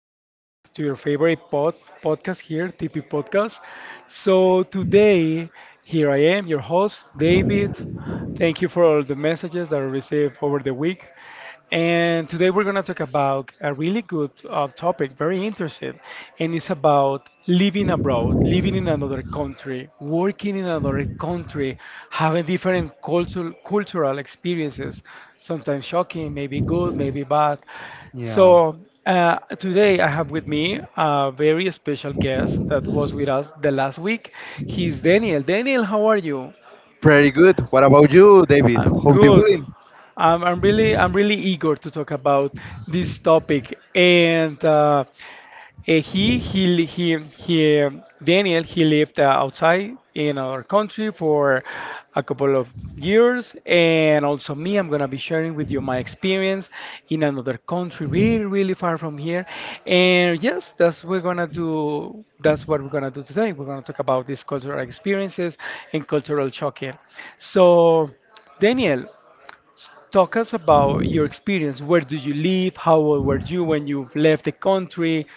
to our to your favorite pod podcast here, TP Podcast. So today, here I am, your host, David. Thank you for all the messages that I received over the week. And today we're going to talk about a really good topic, very interesting, and it's about living abroad, living in another country, working in another country, having different cultural experiences, sometimes shocking, maybe good, maybe bad. Yeah. So today I have with me a very special guest that was with us the last week. He's Daniel. Daniel, how are you? Pretty good. What about you, David? I'm How do you good. feeling? I'm really eager to talk about this topic and he li- he Daniel, he lived outside in our country for a couple of years. And also me, I'm gonna be sharing with you my experience in another country, really really far from here. And yes, that's what we're gonna do today. We're gonna talk about these cultural experiences and cultural shock here. So Daniel, talk us about your experience. Where do you live? How old were you when you left the country?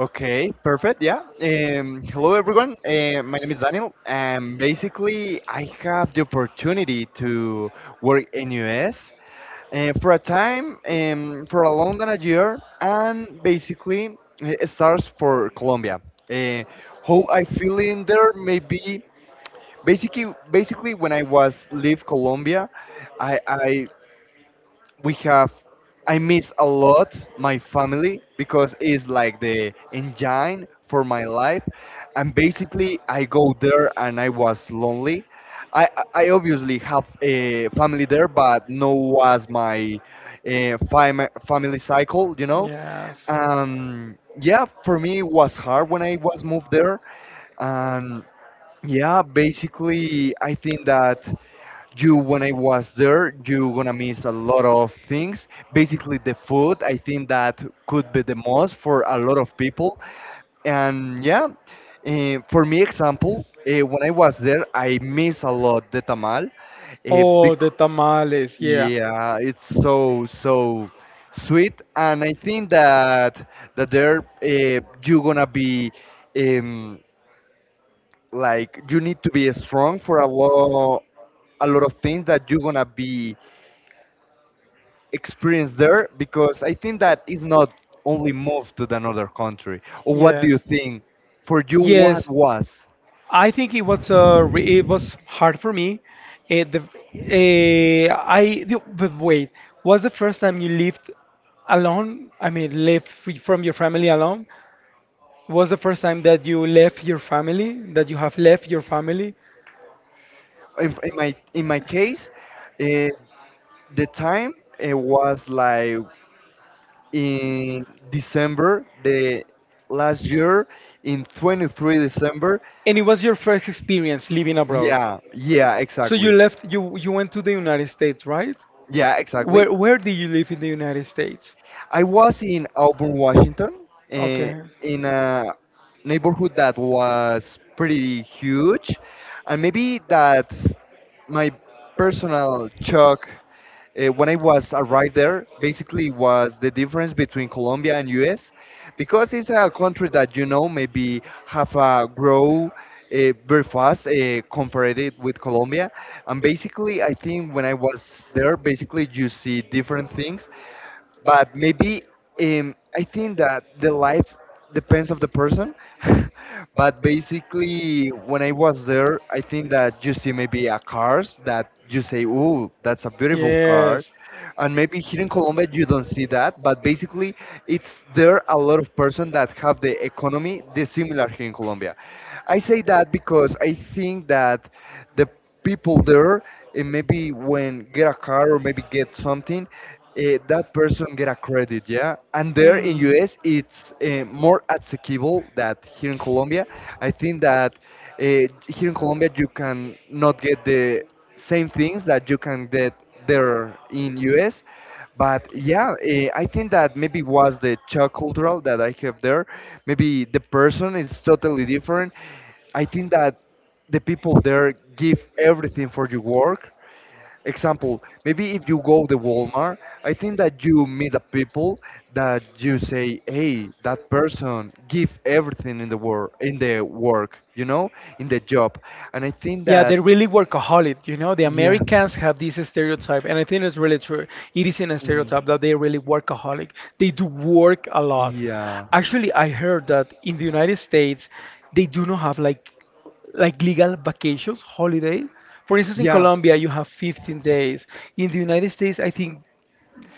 Okay, perfect. Yeah. Hello, everyone. My name is Daniel, and basically, I have the opportunity to work in US for a time, for a long than a year, and basically, it starts for Colombia. Uh, how I feel in there, maybe basically when I was leave Colombia, I we have I miss a lot my family because it's like the engine for my life, and basically I go there and I was lonely. I obviously have a family there, but no was my family cycle, you know. Yes. Yeah, for me it was hard when I was moved there, and yeah, basically I think that you when I was there you're gonna miss a lot of things, basically the food. I think that could be the most for a lot of people. And yeah, for me example, when I was there I miss a lot the tamal bec- The tamales. Yeah. yeah, it's so so sweet. And I think that that there, you're gonna be um, like you need to be strong for a lot of things that you're gonna be experience there, because I think that is not only moved to another country. Or what do you think? For you, what was? I think it was it was hard for me. Eh, the, eh, I the, but wait, was the first time you lived alone? I mean, lived free from your family alone? Was the first time that you left your family, that you have left your family, In my in my case, eh, the time it was like in December the last year, in December 23rd. and it was your first experience living abroad? Yeah, yeah, So you exactly. left, you went to the United States, right? Yeah, exactly. Where did you live in the United States? I was in Auburn, Washington, Okay. in a neighborhood that was pretty huge, and maybe that's my personal shock, when I was arrived there. Basically, was the difference between Colombia and U.S., because it's a country that you know maybe have a grow very fast, compared it with Colombia. And basically, I think when I was there, basically you see different things, but maybe I think that the life depends of the person. But basically, when I was there, I think that you see maybe a cars that you say, "Ooh, that's a beautiful car," Yes. and maybe here in Colombia you don't see that, but basically it's there a lot of person that have the economy dissimilar here in Colombia. I say that because I think that the people there, and maybe when get a car or maybe get something, that person get a credit. Yeah, and there in us Hmm. it's more accessible that here in colombia. I think that here in colombia you can not get the same things that you can get there in US. But yeah, I think that maybe was the Czech cultural that I have there. Maybe the person is totally different. I think that the people there give everything for your work. Example, maybe if you go to Walmart, I think that you meet the people that you say, "Hey, that person give everything in the work, you know, in the job." And I think Yeah, that, they're really workaholic. You know, the yeah. Americans have this stereotype, and I think it's really true. It is in a Mm, stereotype that they're really workaholic. They do work a lot. yeah, Actually, I heard that in the United States, they do not have like legal vacations, holiday. For instance, in yeah, Colombia, you have 15 days. In the United States, I think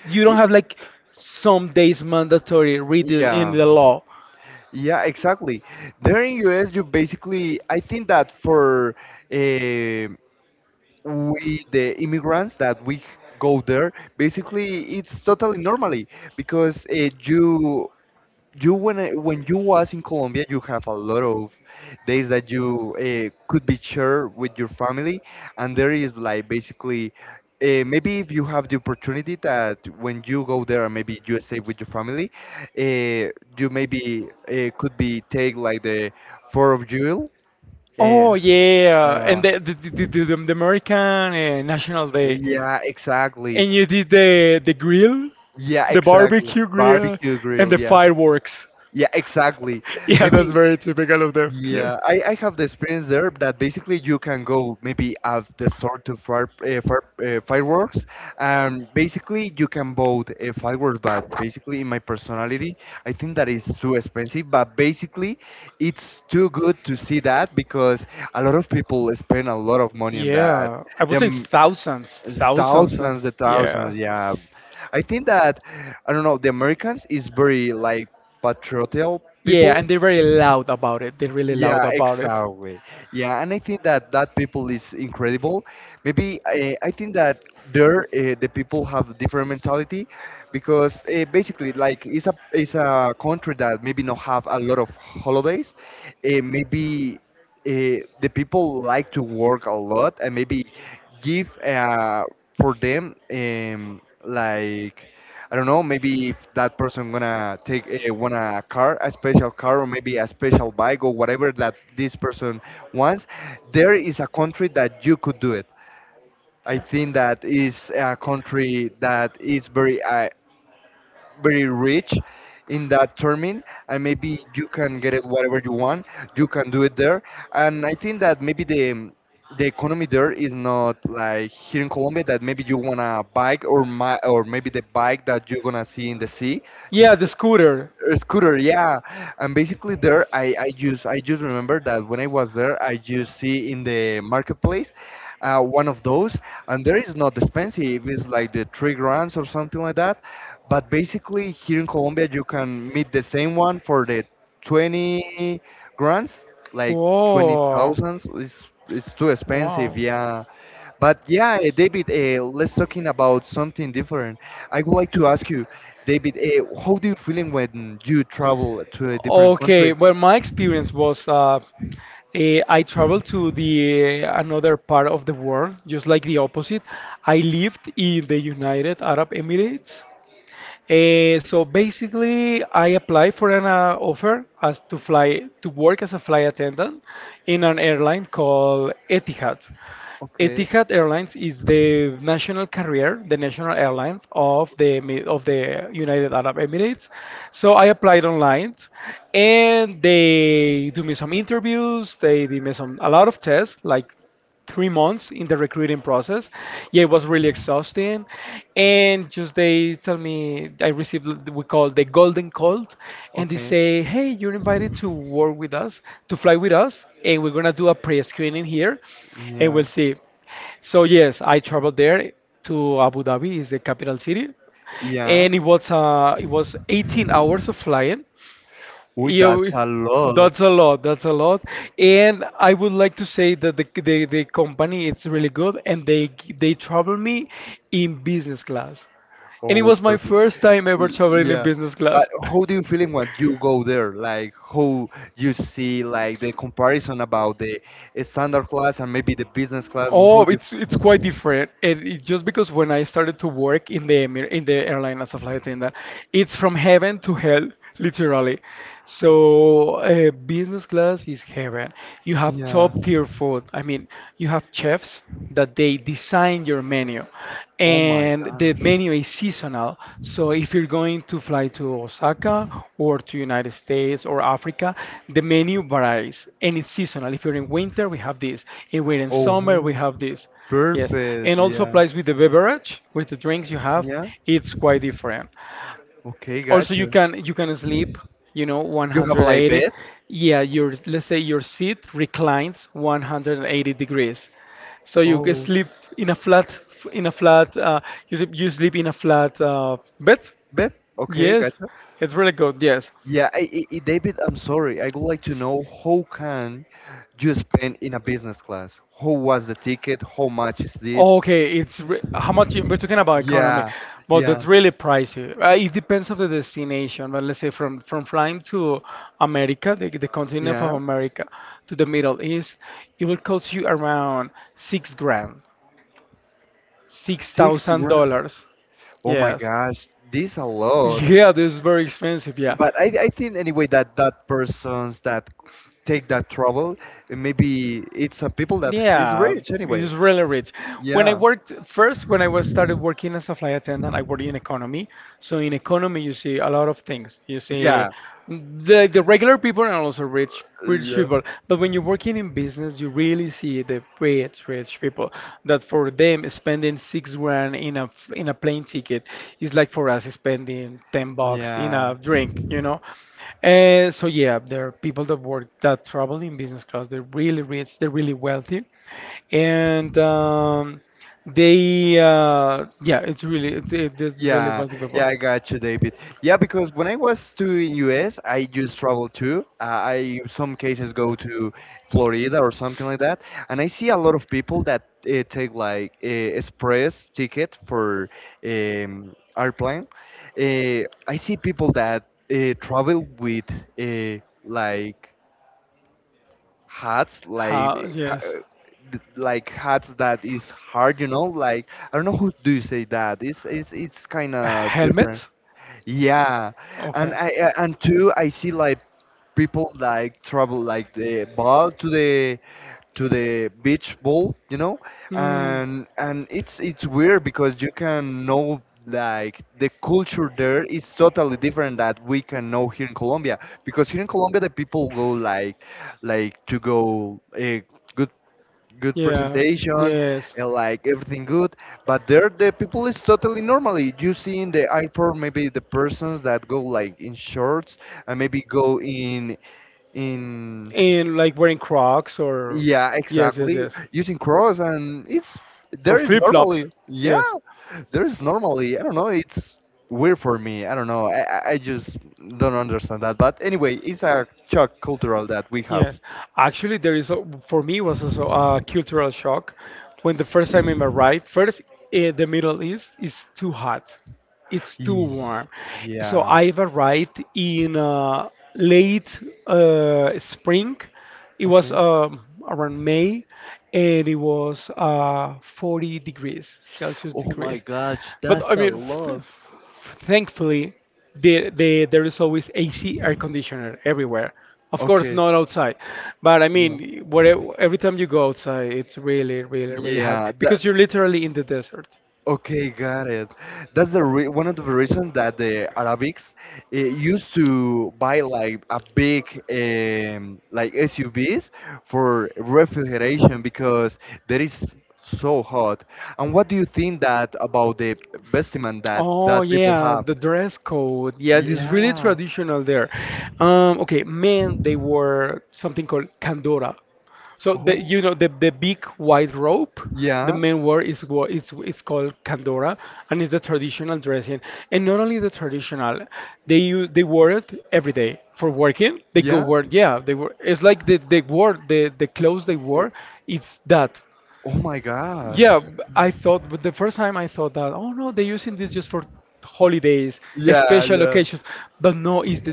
you don't i- have like some days mandatory written in yeah, the law. yeah, exactly. There in US, you basically, I think that for eh, we the immigrants that we go there, basically it's totally normally, because you when you was in Colombia, you have a lot of days that you could be shared with your family, and there is like basically, maybe if you have the opportunity that when you go there, and maybe you stay with your family, uh, you maybe could be take like the four of Jewel. Uh, Oh yeah, uh, and the American National Day. yeah, exactly. And you did Yeah, the exactly. barbecue grill, Barbecue and the grill. Yeah, fireworks. yeah, exactly. Yeah, that's Maybe. very typical of them. Yeah, Yes. I, I have the experience there that basically you can go maybe at the store to fireworks, and basically you can buy fireworks. But basically, in my personality, I think that is too expensive. But basically, it's too good to see that because a lot of people spend a lot of money on that. Yeah, I would say Them thousands, thousands. And... thousands, the yeah. thousands. Yeah, I think that I don't know. The Americans is very like patriotic people. Yeah, and they're very loud about it. They're really loud Yeah, about it. exactly. Yeah, and I think that that people is incredible. Maybe I think that there, the people have different mentality, because basically like it's a country that maybe not have a lot of holidays. Maybe the people like to work a lot, and maybe give for them, like I don't know, maybe if that person gonna want a car, a special car, or maybe a special bike, or whatever that this person wants, there is a country that you could do it. I think that is a country that is very very rich in that termin, and maybe you can get it whatever you want, you can do it there. And I think that maybe the economy there is not like here in colombia, that maybe you want a bike, or my or maybe the bike that you're gonna see in the sea, Yeah, just the scooter. a scooter, yeah. And basically there, I just remember that when I was there I just see in the marketplace one of those, and there is not expensive, it's like the 3 grand or something like that. But basically here in Colombia you can meet the same one for the 20 grands, like 20 Whoa. thousands. It's too expensive, Wow. yeah. But yeah, David, let's talking about something different. I would like to ask you, David, how do you feeling when you travel to a different Okay, country? well, my experience was I traveled to another part of the world, just like the opposite. I lived in the United Arab Emirates. So basically, I applied for an offer as to fly to work as a flight attendant in an airline called Etihad. Okay, Etihad Airlines is the national carrier, the national airline of the United Arab Emirates. So I applied online, and they do me some interviews. They did me some a lot of tests, like 3 months in the recruiting process. Yeah, it was really exhausting, and just they tell me, I received what we call the golden call, and they okay, say, "Hey, you're invited to work with us, to fly with us, and we're gonna do a pre-screening here, and yeah, we'll see." So yes, I traveled there to Abu Dhabi, is the capital city, yeah. and it was 18 hours of flying. Uy, Yeah, that's a lot. that's a lot. That's a lot. And I would like to say that the company it's really good, and they travel me in business class, and it Oh, was my perfect. first time ever L- traveling in Yeah. business But class. how do you feeling when you go there? Like how you see like the comparison about the standard class and maybe the business class? Oh, How do you it's quite different. And it, just because when I started to work in the airline as a flight attendant, it's from heaven to hell, literally. So business class is heaven. You have Yeah. top tier food. I mean, you have chefs that they design your menu, Oh my and the gosh. menu is seasonal. So if you're going to fly to Osaka or to United States or Africa, the menu varies, and it's seasonal. If you're in winter, we have this. If we're in summer, we Oh, have this. Yes. perfect. And also Yeah. applies with the beverage, with the drinks you have. Yeah. It's quite different. Okay, Also you gotcha. can, you can sleep, you know, You have like 180. bed? Yeah, your, let's say, your seat reclines 180 degrees, so you can Oh, sleep in a flat, in a flat uh, you, you sleep in a flat bed. bed? Okay, Yes, gotcha. it's really good, yes. David, I'm sorry. I would like to know how can you spend in a business class? How was the ticket? How much is it? Okay, it's re how much we're talking about economy, Yeah, but yeah, that's really pricey. It depends on the destination, but let's say from flying to America, the continent yeah. of America, to the Middle East, it will cost you around 6 grand, six Six thousand grand. dollars. Oh my Yes. gosh, this a lot. Yeah, this is very expensive. Yeah. But I think anyway that that persons that take that trouble, maybe it's a people that is Yeah, rich it's anyway. really rich. When I Yeah, worked first, when I was started working as a flight attendant, I worked in economy. So in economy, you see a lot of things. You see yeah, the regular people and also rich yeah. people. But when you're working in business, you really see the rich people. That for them, spending 6 grand in a plane ticket, it's like for us spending 10 bucks in a Yeah, drink, you know? And so, yeah, there are people that work that travel in business class. They're really rich, they're really wealthy. And yeah, it's really yeah, wealthy people. yeah, I got you, David. Yeah, because when I was to in US, I just travel too. I some cases go to Florida or something like that, and I see a lot of people that take like express ticket for airplane. I see people that travel with uh, like hats, like How, ha yes. Like hats that is hard, you know, like I don't know who do you say that. It's kind of different. Helmets? Yeah, and Okay. I and two, I see like people like travel like the ball to the beach ball, you know. Mm. And it's weird because you can know like the culture there is totally different that we can know here in Colombia, because here in Colombia the people go like to go good Yeah. presentation Yes. and like everything good. But there the people is totally normally, you see in the airport maybe the persons that go like in shorts, and maybe go in And like wearing Crocs or. yeah Yes, yes, exactly yes. using cross. And it's For there is flip normally, flops. yeah, Yes. there is normally, I don't know. It's weird for me, I don't know. I just don't understand that, but anyway it's a shock cultural that we have. Yes, actually, there is a, for me was also a cultural shock when the first time in my the Middle East is too hot. It's too Ye- warm. So Yeah. I've arrived in late spring. It was Okay. Around May, and it was 40 degrees Celsius Oh my degrees. gosh, But I that's a mean, th lot. thankfully, there is always AC air conditioner everywhere. Of course, Okay. not outside, but I Yeah. mean, where, every time you go outside, it's really, really, really hot Yeah. That. because you're literally in the desert. Okay, got it. That's the re one of the reasons that the Arabics used to buy like a big like SUVs for refrigeration, because that is so hot. And what do you think that about the bestiment that Oh that people yeah, have? the dress code. Yeah, it's really Yeah. traditional there. Okay, men, they wore something called kandora. So the, Oh, you know, the big white robe the yeah. men wore is it's called kandora, and it's the traditional dressing. And not only the traditional, they wore it every day for working. They go Yeah. work. Yeah, they were. It's like the clothes they wore. It's that. Oh my gosh. Yeah, I thought, but the first time I thought that, oh no, they're using this just for holidays, Yeah, special yeah. occasions. But no, it's the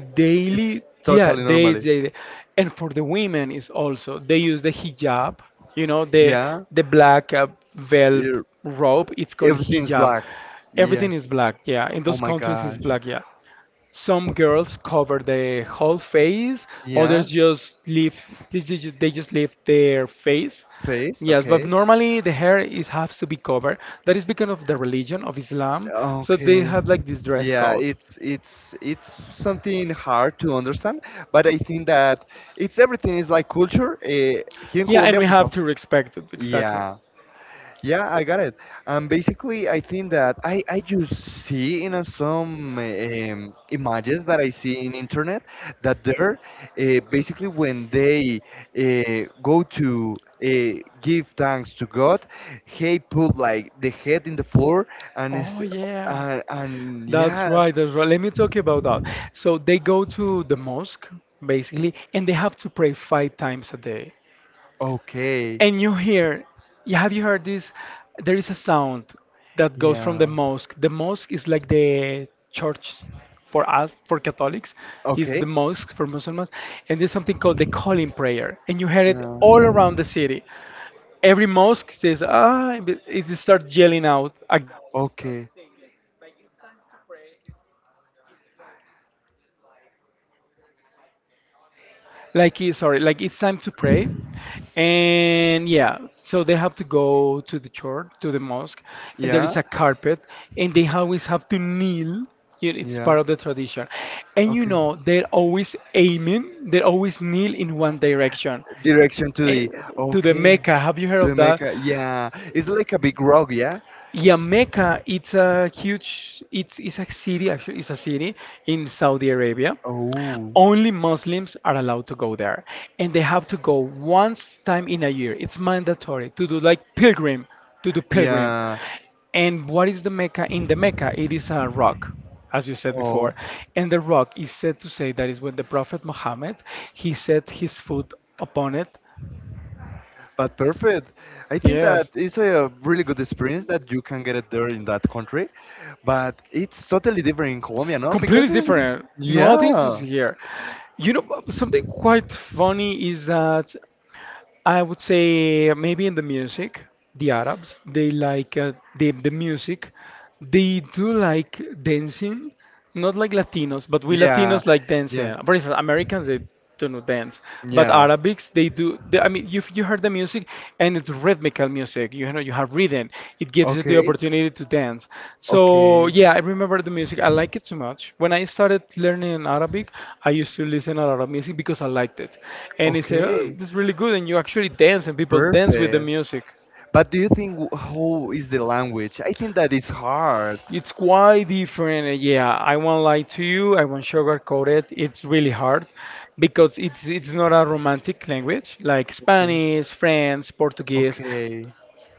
It's daily, yeah, totally normally. daily. And for the women is also they use the hijab, you know, Yeah. the black veil er- robe. It's called Everything's hijab. black. Yeah. Everything is black, yeah. In Oh those my countries, it's gosh. black, yeah. Some girls cover the whole face, Yeah. others just leave, they just leave their face. Face. Yes, but Okay. normally the hair is has to be covered. That is because of the religion of Islam, so they Okay. have like this dress Yeah, code. it's it's it's something hard to understand, but I think that it's everything is like culture. Here in Yeah, and Colombia, we we have have to respect it, exactly. yeah. Yeah, I got it. And basically, I think that I just see, you know, some images that I see in internet, that there basically when they go to give thanks to God, he put like the head in the floor, and is Yeah. And That's yeah yeah, right, that's right. Let me talk about that. So they go to the mosque, basically, and they have to pray 5 times a day. okay And you hear, yeah, have you heard this? There is a sound that goes from the yeah. mosque. The mosque is like the church for us, for Catholics. It's Okay. the Okay. mosque for Muslims. And there's something called the calling prayer. And you hear it Yeah. all around the city. Every mosque says, ah, and it starts yelling out a Okay. Sorry, like it's time to pray. And yeah, so they have to go to the church, to the mosque, and there Yeah. is a carpet, and they always have to kneel. You know, it's Yeah. part of the tradition. And you Okay. know, they're always aiming, they always kneel in one direction. Direction to eh, the to the okay. Mecca. Have you heard To of that? Jamaica. Yeah. It's like a big rock, yeah? Yeah, Mecca. It's a huge. It's a city. Actually, it's a city in Saudi Arabia, Oh. only Muslims are allowed to go there, and they have to go once time in a year. It's mandatory to do like pilgrim, to do pilgrim. Yeah. And what is the Mecca? In the Mecca, it is a rock, as you said Oh, before, and the rock is said to say that is when the Prophet Muhammad, he set his foot upon it. but perfect. I think that Yes, it's a really good experience that you can get it there in that country, but it's totally different in Colombia, no? completely Because it's, different. Nothing to yeah, here. You know, something quite funny is that I would say maybe in the music, the Arabs, they like the music. They do like dancing, not like Latinos, but we yeah, Latinos like yeah, dancing. For instance, Americans, they don't dance, but yeah. Arabics, they do. They, I mean, if you heard the music, and it's rhythmical music. You know, you have rhythm. It gives you the Okay, opportunity to dance. So okay. yeah, I remember the music. I like it so much. When I started learning Arabic, I used to listen a lot of music because I liked it, and it said, "Oh, Okay, this is really good," and you actually dance, and people dance with the perfect. music. But do you think w- how is the language? I think that is hard. It's quite different. Yeah, I won't lie to you. I won't sugarcoat it. It's really hard because it's not a romantic language like Okay, Spanish, French, Portuguese. okay,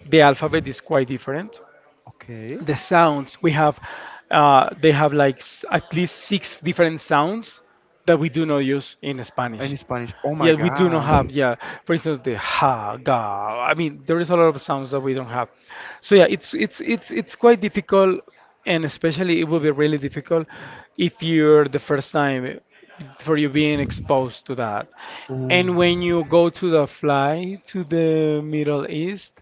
The alphabet is quite different. okay. The sounds we have they have like at least six different sounds that we do not use in And Spanish. in Spanish, oh my Yeah, we do not gosh. have, yeah, for instance, the ha, ga. I mean, there is a lot of sounds that we don't have. So yeah, it's quite difficult, and especially it will be really difficult if you're the first time for you being exposed to that. Oh, And when you go to the fly to the Middle East,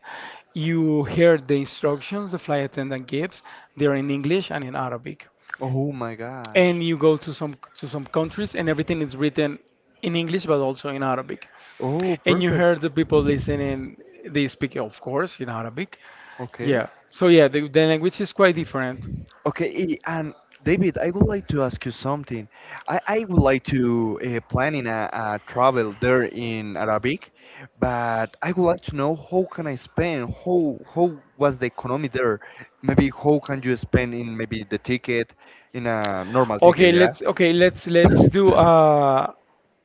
you hear the instructions the flight attendant gives. They're in English and in Arabic, oh my gosh. and you go to some countries, and everything is written in English but also in Arabic. Oh, And you perfect. hear the people listening, they speak of course in Arabic. Okay. Yeah. So yeah, the language is quite different. Okay, I- and David, I would like to ask you something. I would like to planning a travel there in Arabic, but I would like to know how can I spend, how was the economy there? Maybe how can you spend in maybe the ticket, in a normal ticket, Okay, yeah? let's do uh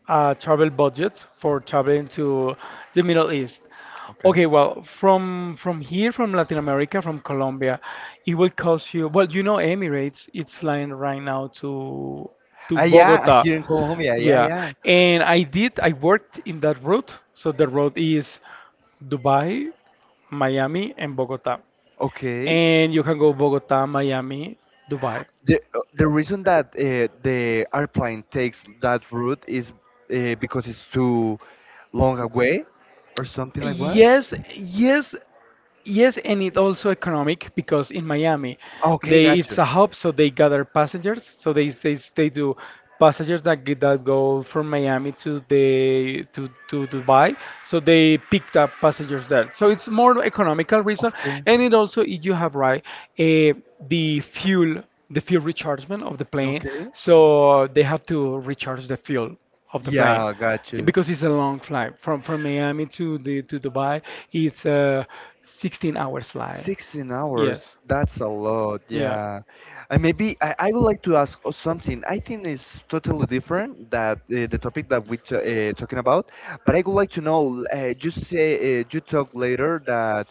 uh, travel budget for traveling to the Middle East. Okay, Okay. well, from here, from Latin America, from Colombia, it will cost you. Well, you know, Emirates, it's flying right now to Ah, yeah, Bogota. here in Colombia, yeah, Yeah, yeah. and I did. I worked in that route, so the route is Dubai, Miami, and Bogota. Okay. And you can go Bogota, Miami, Dubai. The reason that the airplane takes that route is because it's too long away or something like what? Yes, yes, yes, and it also economic because in Miami, Okay, they okay, it's gotcha. a hub, so they gather passengers. So they say they do passengers that that go from Miami to Dubai. So they picked up passengers there. So it's more economical reason, Okay, and it also you have right, eh, the fuel. The fuel rechargement of the plane, okay. so they have to recharge the fuel of the plane. Yeah, plane Yeah, gotcha. because it's a long flight from Miami to the to Dubai. It's a 16 hours flight. 16 Yes. hours, that's a lot, Yeah. yeah. And maybe I would like to something. I think it's totally different that the topic that we're talking about, but I would like to know, you say, you talk later that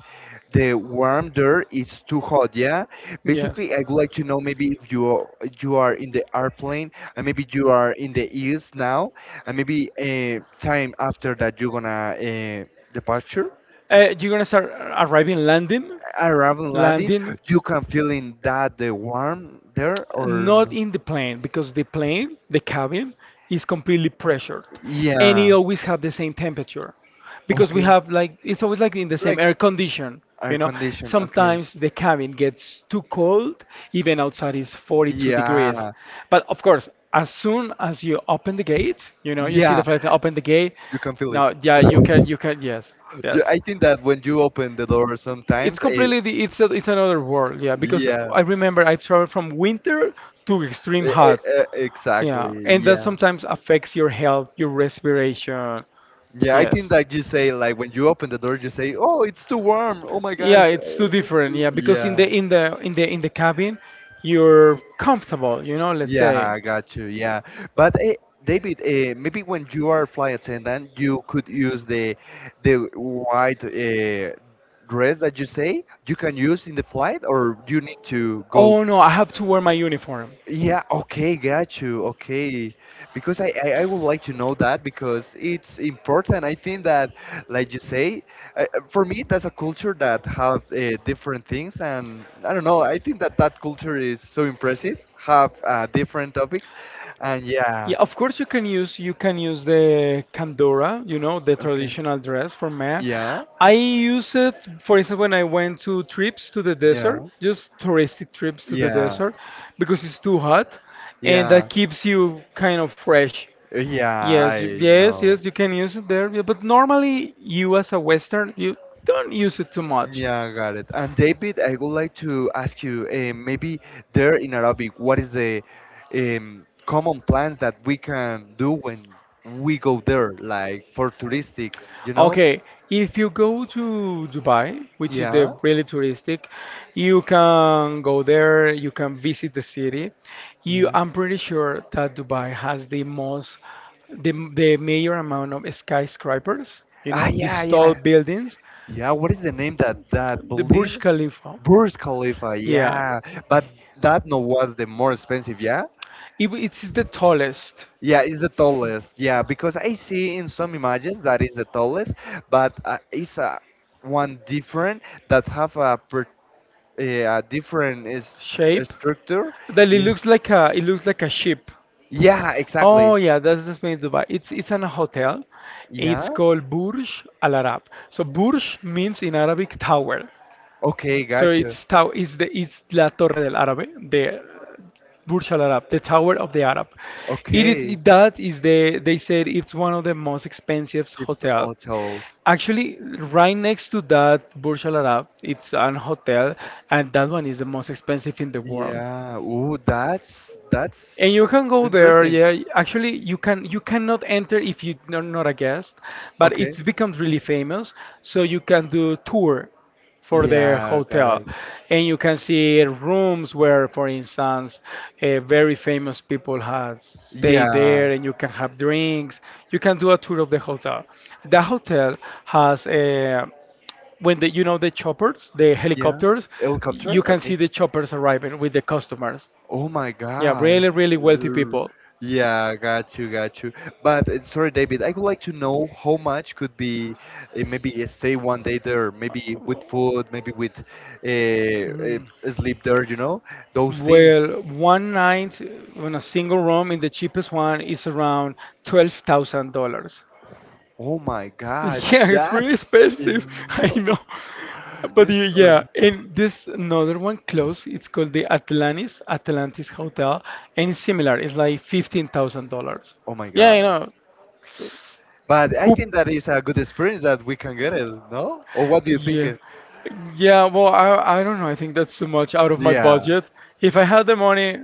the warm there is too hot, yeah? Yes. Basically, I would like to know maybe if you are, you are in the airplane and maybe you are in the east now, and maybe time after that you're gonna departure You're gonna start arriving, landing, arriving landing, landing. you can feel in that the warm there or Not no? in the plane because the plane, the cabin, is completely pressured. Yeah. And it Yeah. always have the same temperature, because we Okay. have like it's always like in the same Like air condition. You air know, uh-huh, condition. Okay. sometimes the cabin gets too cold, even outside is 42, yeah, degrees. Yeah. But of course, as soon as you open the gate, you see, yeah, the Yeah. flight open the gate. You You can can feel, feel it. now, cold, yeah, you can, yes, Yeah, yes. I think that when you open the door It's sometimes, it, completely it's another world, yeah. Because yeah, I remember I traveled from winter to extreme hot, exactly. yeah, and that Yeah. sometimes affects your health, your respiration. Yeah, I Yes. think that you say like when you open the door, you say, "Oh, it's too warm. Oh my Yeah, gosh." it's too different. Yeah, because in the Yeah. in the in the in the cabin, you're comfortable. You know, let's Yeah, say. I got you. Yeah, but David, maybe when you are flight attendant, you could use the white dress that you say you can use in the flight, or you need to go Oh no, I have to wear my uniform. yeah, okay, got you. Okay. Because I would like to know that because it's important. I think that, like you say, for me, that's a culture that have different things. And I don't know, I think that that culture is so impressive, have different topics. And yeah, Yeah, of course you can use the kandora, you know, the okay. traditional dress for men. Yeah. Yeah, I use it, for instance, when I went to trips to the yeah, desert, just touristic trips to the, yeah, yeah, desert, because it's too hot, and yeah. that keeps you kind of fresh. Yeah, Yes, right. I Yes, yes, know. you can use it there, yeah, but normally you as a Western, you don't use it too much. Yeah, got it. And David, I would like to ask you, maybe there in Arabic, what is the common plans that we can do when we go there, like for touristics, you know? Okay, if you go to Dubai, which is, yeah, Yeah, the really touristic, you can go there, you can visit the city. You, yeah. I'm pretty sure that Dubai has the most, the major amount of skyscrapers, you Ah, know, these yeah, tall yeah. buildings, Yeah, yeah, what is the name that that the Burj building? Khalifa. Burj Khalifa, Yeah, yeah, but that no was the more expensive, yeah? it's the tallest. Yeah, it's the tallest, yeah, because I see in some images that is the tallest, but it's one different that have a, per, a different is, Shape structure. that Yeah, it looks like a ship. yeah, exactly. Oh yeah, that's the Spain Dubai. It's an hotel. Yeah. It's called Burj Al Arab. So Burj means in Arabic tower. Okay, So gotcha. It's La Torre del Árabe, the Burj Al Arab, the Tower of the Arab. It is Okay, it, that is the they said it's one of the most expensive Sif hotels. hotels. Actually, right next to that Burj Al Arab, it's an hotel, and that one is the most expensive in the world, Yeah. Ooh, that's and you can go there, interesting. yeah, actually you cannot enter if you're not a guest, but Okay. it's becomes really famous, so you can do tour for the Yeah, got hotel, it. and you can see rooms where, for instance, very famous people has stayed Yeah. there, and you can have drinks, you can do a tour of the hotel. The hotel has a, when the, you know, the choppers, the Yeah. helicopters, Helicopter? you can Okay. see the choppers arriving with the customers, Oh my yeah, gosh. really, really wealthy Uh, people. Yeah, got you. But sorry, David, I would like to know how much could be maybe a stay one day there, maybe with food, maybe with sleep there, you know, those Mhm. things. Well, one night in a single room in the cheapest one is around $12,000. Oh my God, Yeah, it's pretty that's expensive. in, I oh, know. But that's you, so. yeah, and this another one close. It's called the Atlantis Hotel, and it's similar. It's like $15,000. Oh my Yeah, I God. know. But I Who? think that is a good experience that we can get Good as it, well. no? Or Or what what do do you you think? think? Yeah. It- Yeah, well, I don't know. I think that's too much out of my, yeah, Yeah, budget. If I had the money,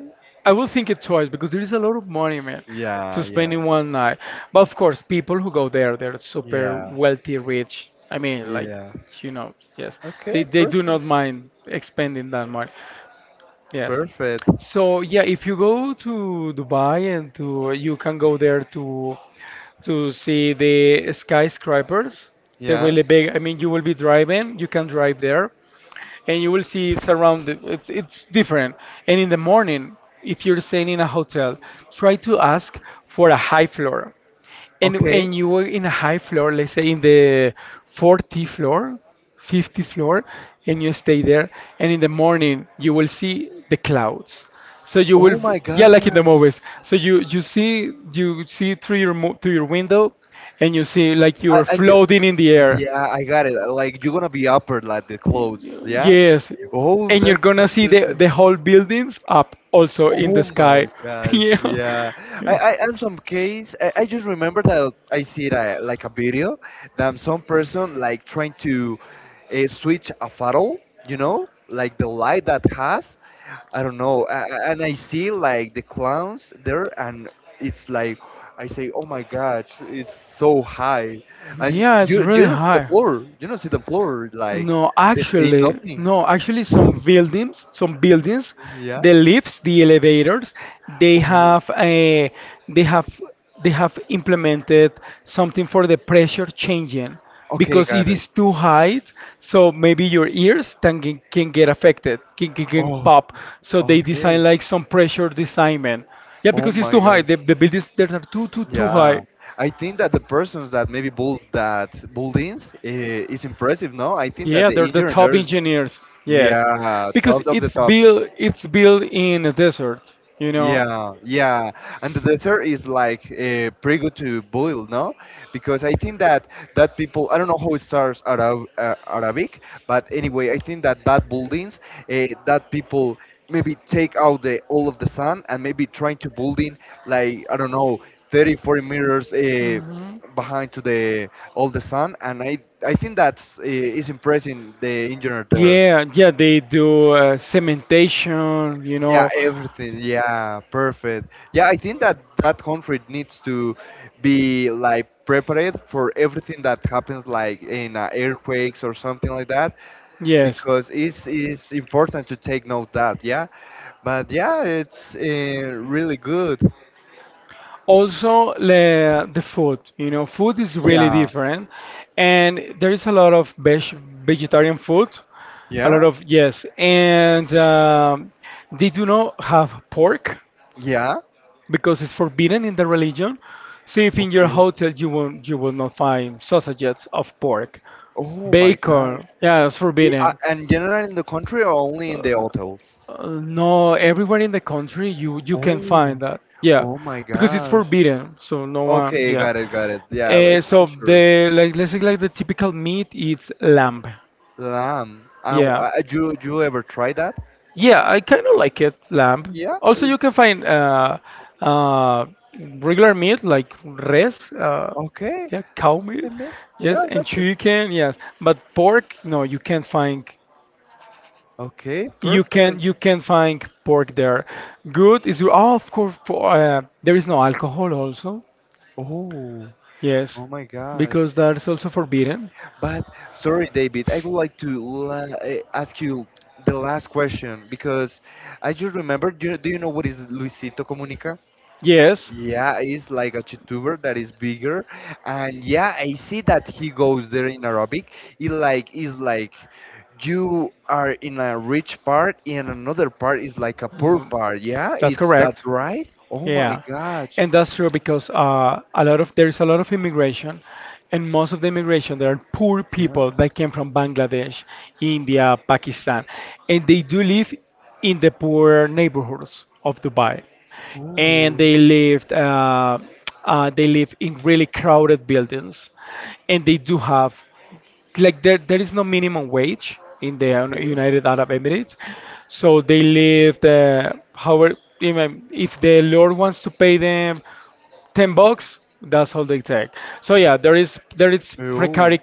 I would think it twice because there is a lot of money, man, yeah, to spend yeah, in one night. But of course, people who go there, they're super yeah, wealthy, rich. I mean, like, yeah. you know, yes. They Okay, they do perfect, not mind expending that money. Yes. Sure. perfect. So yeah, if you go to Dubai, and to you can go there to see the skyscrapers. They're Yeah. really big. I mean, you will be driving, you can drive there, and you will see it's around. It's different. And in the morning, if you're staying in a hotel, try to ask for a high floor, and Okay. and you were in a high floor, let's say in the 40 floor, 50 floor, and you stay there. And in the morning, you will see the clouds. So you will, Oh my yeah, like in the gosh. movies. So you see through your through your window, and you see like I, you're and you, floating in the air. yeah, I got it. Like you're gonna be upper like the clothes, yeah? Yes, Oh, and you're that's so gonna see the interesting. the whole buildings up also in Oh the my sky. gosh, yeah. I am some case. I just remember that I see that, like a Yeah. video that some person like trying to switch a funnel. You know, like the light that has. I don't know, and I see like the clowns there, and it's like I say, oh my gosh, it's so high, and you don't see the floor, you don't see the floor, like No, they see actually, nothing. Some buildings, Yeah. the lifts, the elevators, they Oh, have a, they have, they have implemented something for the pressure changing okay, because it got it. is too high, so maybe your ears can, can get affected, can Oh, pop. So they okay. design like some pressure designment. Yeah, Oh because it's my too high. God. The buildings that are too, too, too Yeah. high. I think that the persons that maybe build that buildings is impressive, no? I think that Yeah, they're the the top engineers, engineers. Yes, yeah, because top of the top. It's built in a desert. You know. Yeah, yeah, and the dessert is like pretty good to boil, no? Because I think that that people, I don't know how it starts Arab, Arabic, but anyway, I think that that buildings, that people maybe take out the all of the sun and maybe trying to building like I don't know 30, 40 meters Mhm. behind to the all the sun, and I think that's is impressing the engineer there. Yeah, yeah, they do cementation. You Yeah, know. everything. Yeah, perfect. Yeah, I think that that country needs to be like prepared for everything that happens, like in earthquakes or something like that, Yes. because it's important to take note that. Yeah, but yeah, it's really good. Also, the food, you know, food is really Yeah, different, and there is a lot of vegetarian food, a yeah, lot of, yes, and they do not have pork yeah. because it's forbidden in the religion, so if in your Okay. hotel you will not, find sausages of pork, Oh my gosh. bacon, yeah, it's forbidden. And generally in the country or only in the hotels? No, everywhere in the country you can Oh, find that. Yeah, oh my because it's gosh. forbidden, so no one. Okay, Yeah. got it, got it. Yeah, like So culture. the, like, let's say like the typical meat, it's lamb. Lamb. And Yeah. You ever try that? Yeah, I kind of like it lamb. Yeah. Also, you It's, can find uh, regular meat like res. Okay. Yeah, cow meat. I mean, yeah, Yes, I and got you. chicken. Yes, but pork. No, you can't find. Okay, You can, perfect. Find pork there. Good is, oh, of course for, there is no alcohol also. Oh, Yes, oh my gosh. because that's also forbidden. But sorry, David, I would like to ask you the last question because I just remembered. Do you know what is Luisito Comunica? Yes. Yeah, he's like a YouTuber that is bigger, and yeah, I see that he goes there in Arabic. It like is like you are in a rich part, and another part is like a poor Mm, part. Yeah, that's it's that correct. right? Oh my Yeah, gosh. and that's true because a lot of there's a lot of immigration, and most of the immigration there are poor Yeah. people that came from Bangladesh, India, Pakistan, and they do live in the poor neighborhoods of Dubai, and Oh, they live in really crowded buildings, and they do have like there is no minimum wage in the okay. United Arab Emirates, so they live. However, even if the Lord wants to pay them 10 bucks, that's all they take. So yeah, there is Oh. precarious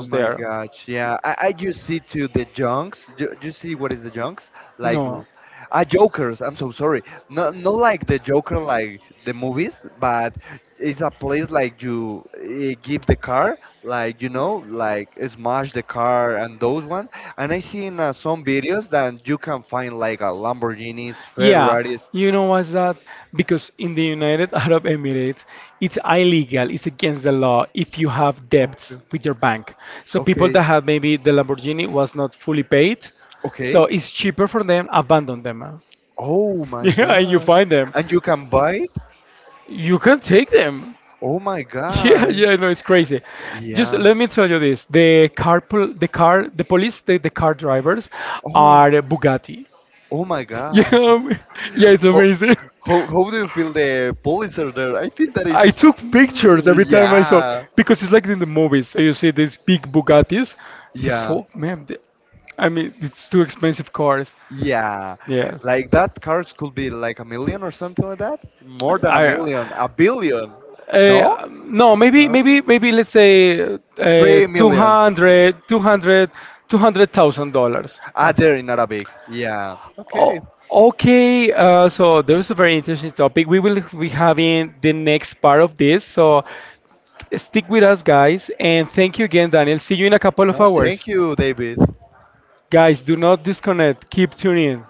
Oh my there. gosh, yeah. I just see to the junks. Do you see what is the junks? Like, No. l- Jokers. I'm so sorry. Not not like the Joker, like the movies, but it's a place like you give the car, like you know, like smash the car and those one. And I see in some videos that you can find like a Lamborghinis, Yeah, Ferraris. you know what's that? Because in the United Arab Emirates, it's illegal, it's against the law if you have debts Okay, with your bank. So people okay, that have maybe the Lamborghini was not fully paid, so okay. it's cheaper for them, abandon them. Oh my Yeah, and you god. find them. And you can buy it? You can take them. Oh my Yeah, god. yeah, no, it's crazy. Just Yeah. let me tell you this: the car, the police, the car drivers Oh, are Bugatti. oh my Yeah, God. How, yeah, it's amazing. How do you feel the police are there? I think that is, I took pictures every time I saw yeah, because it's like in the movies. So you see these big Bugattis. I say, yeah, "Fuck, man! I mean, it's too expensive cars." yeah. Yeah. Like that cars could be like a million or something like that. More than a I million, a billion. No? No, maybe, Huh? Let's say 3 million. $200. Ah, they're Okay. in Arabic. Yeah. Okay. O- okay, so there's a very interesting topic. We will be having the next part of this. So stick with us, guys, and thank you again, Daniel. See you in a couple of No, hours. thank you, David. Guys, do not disconnect. Keep tuning in.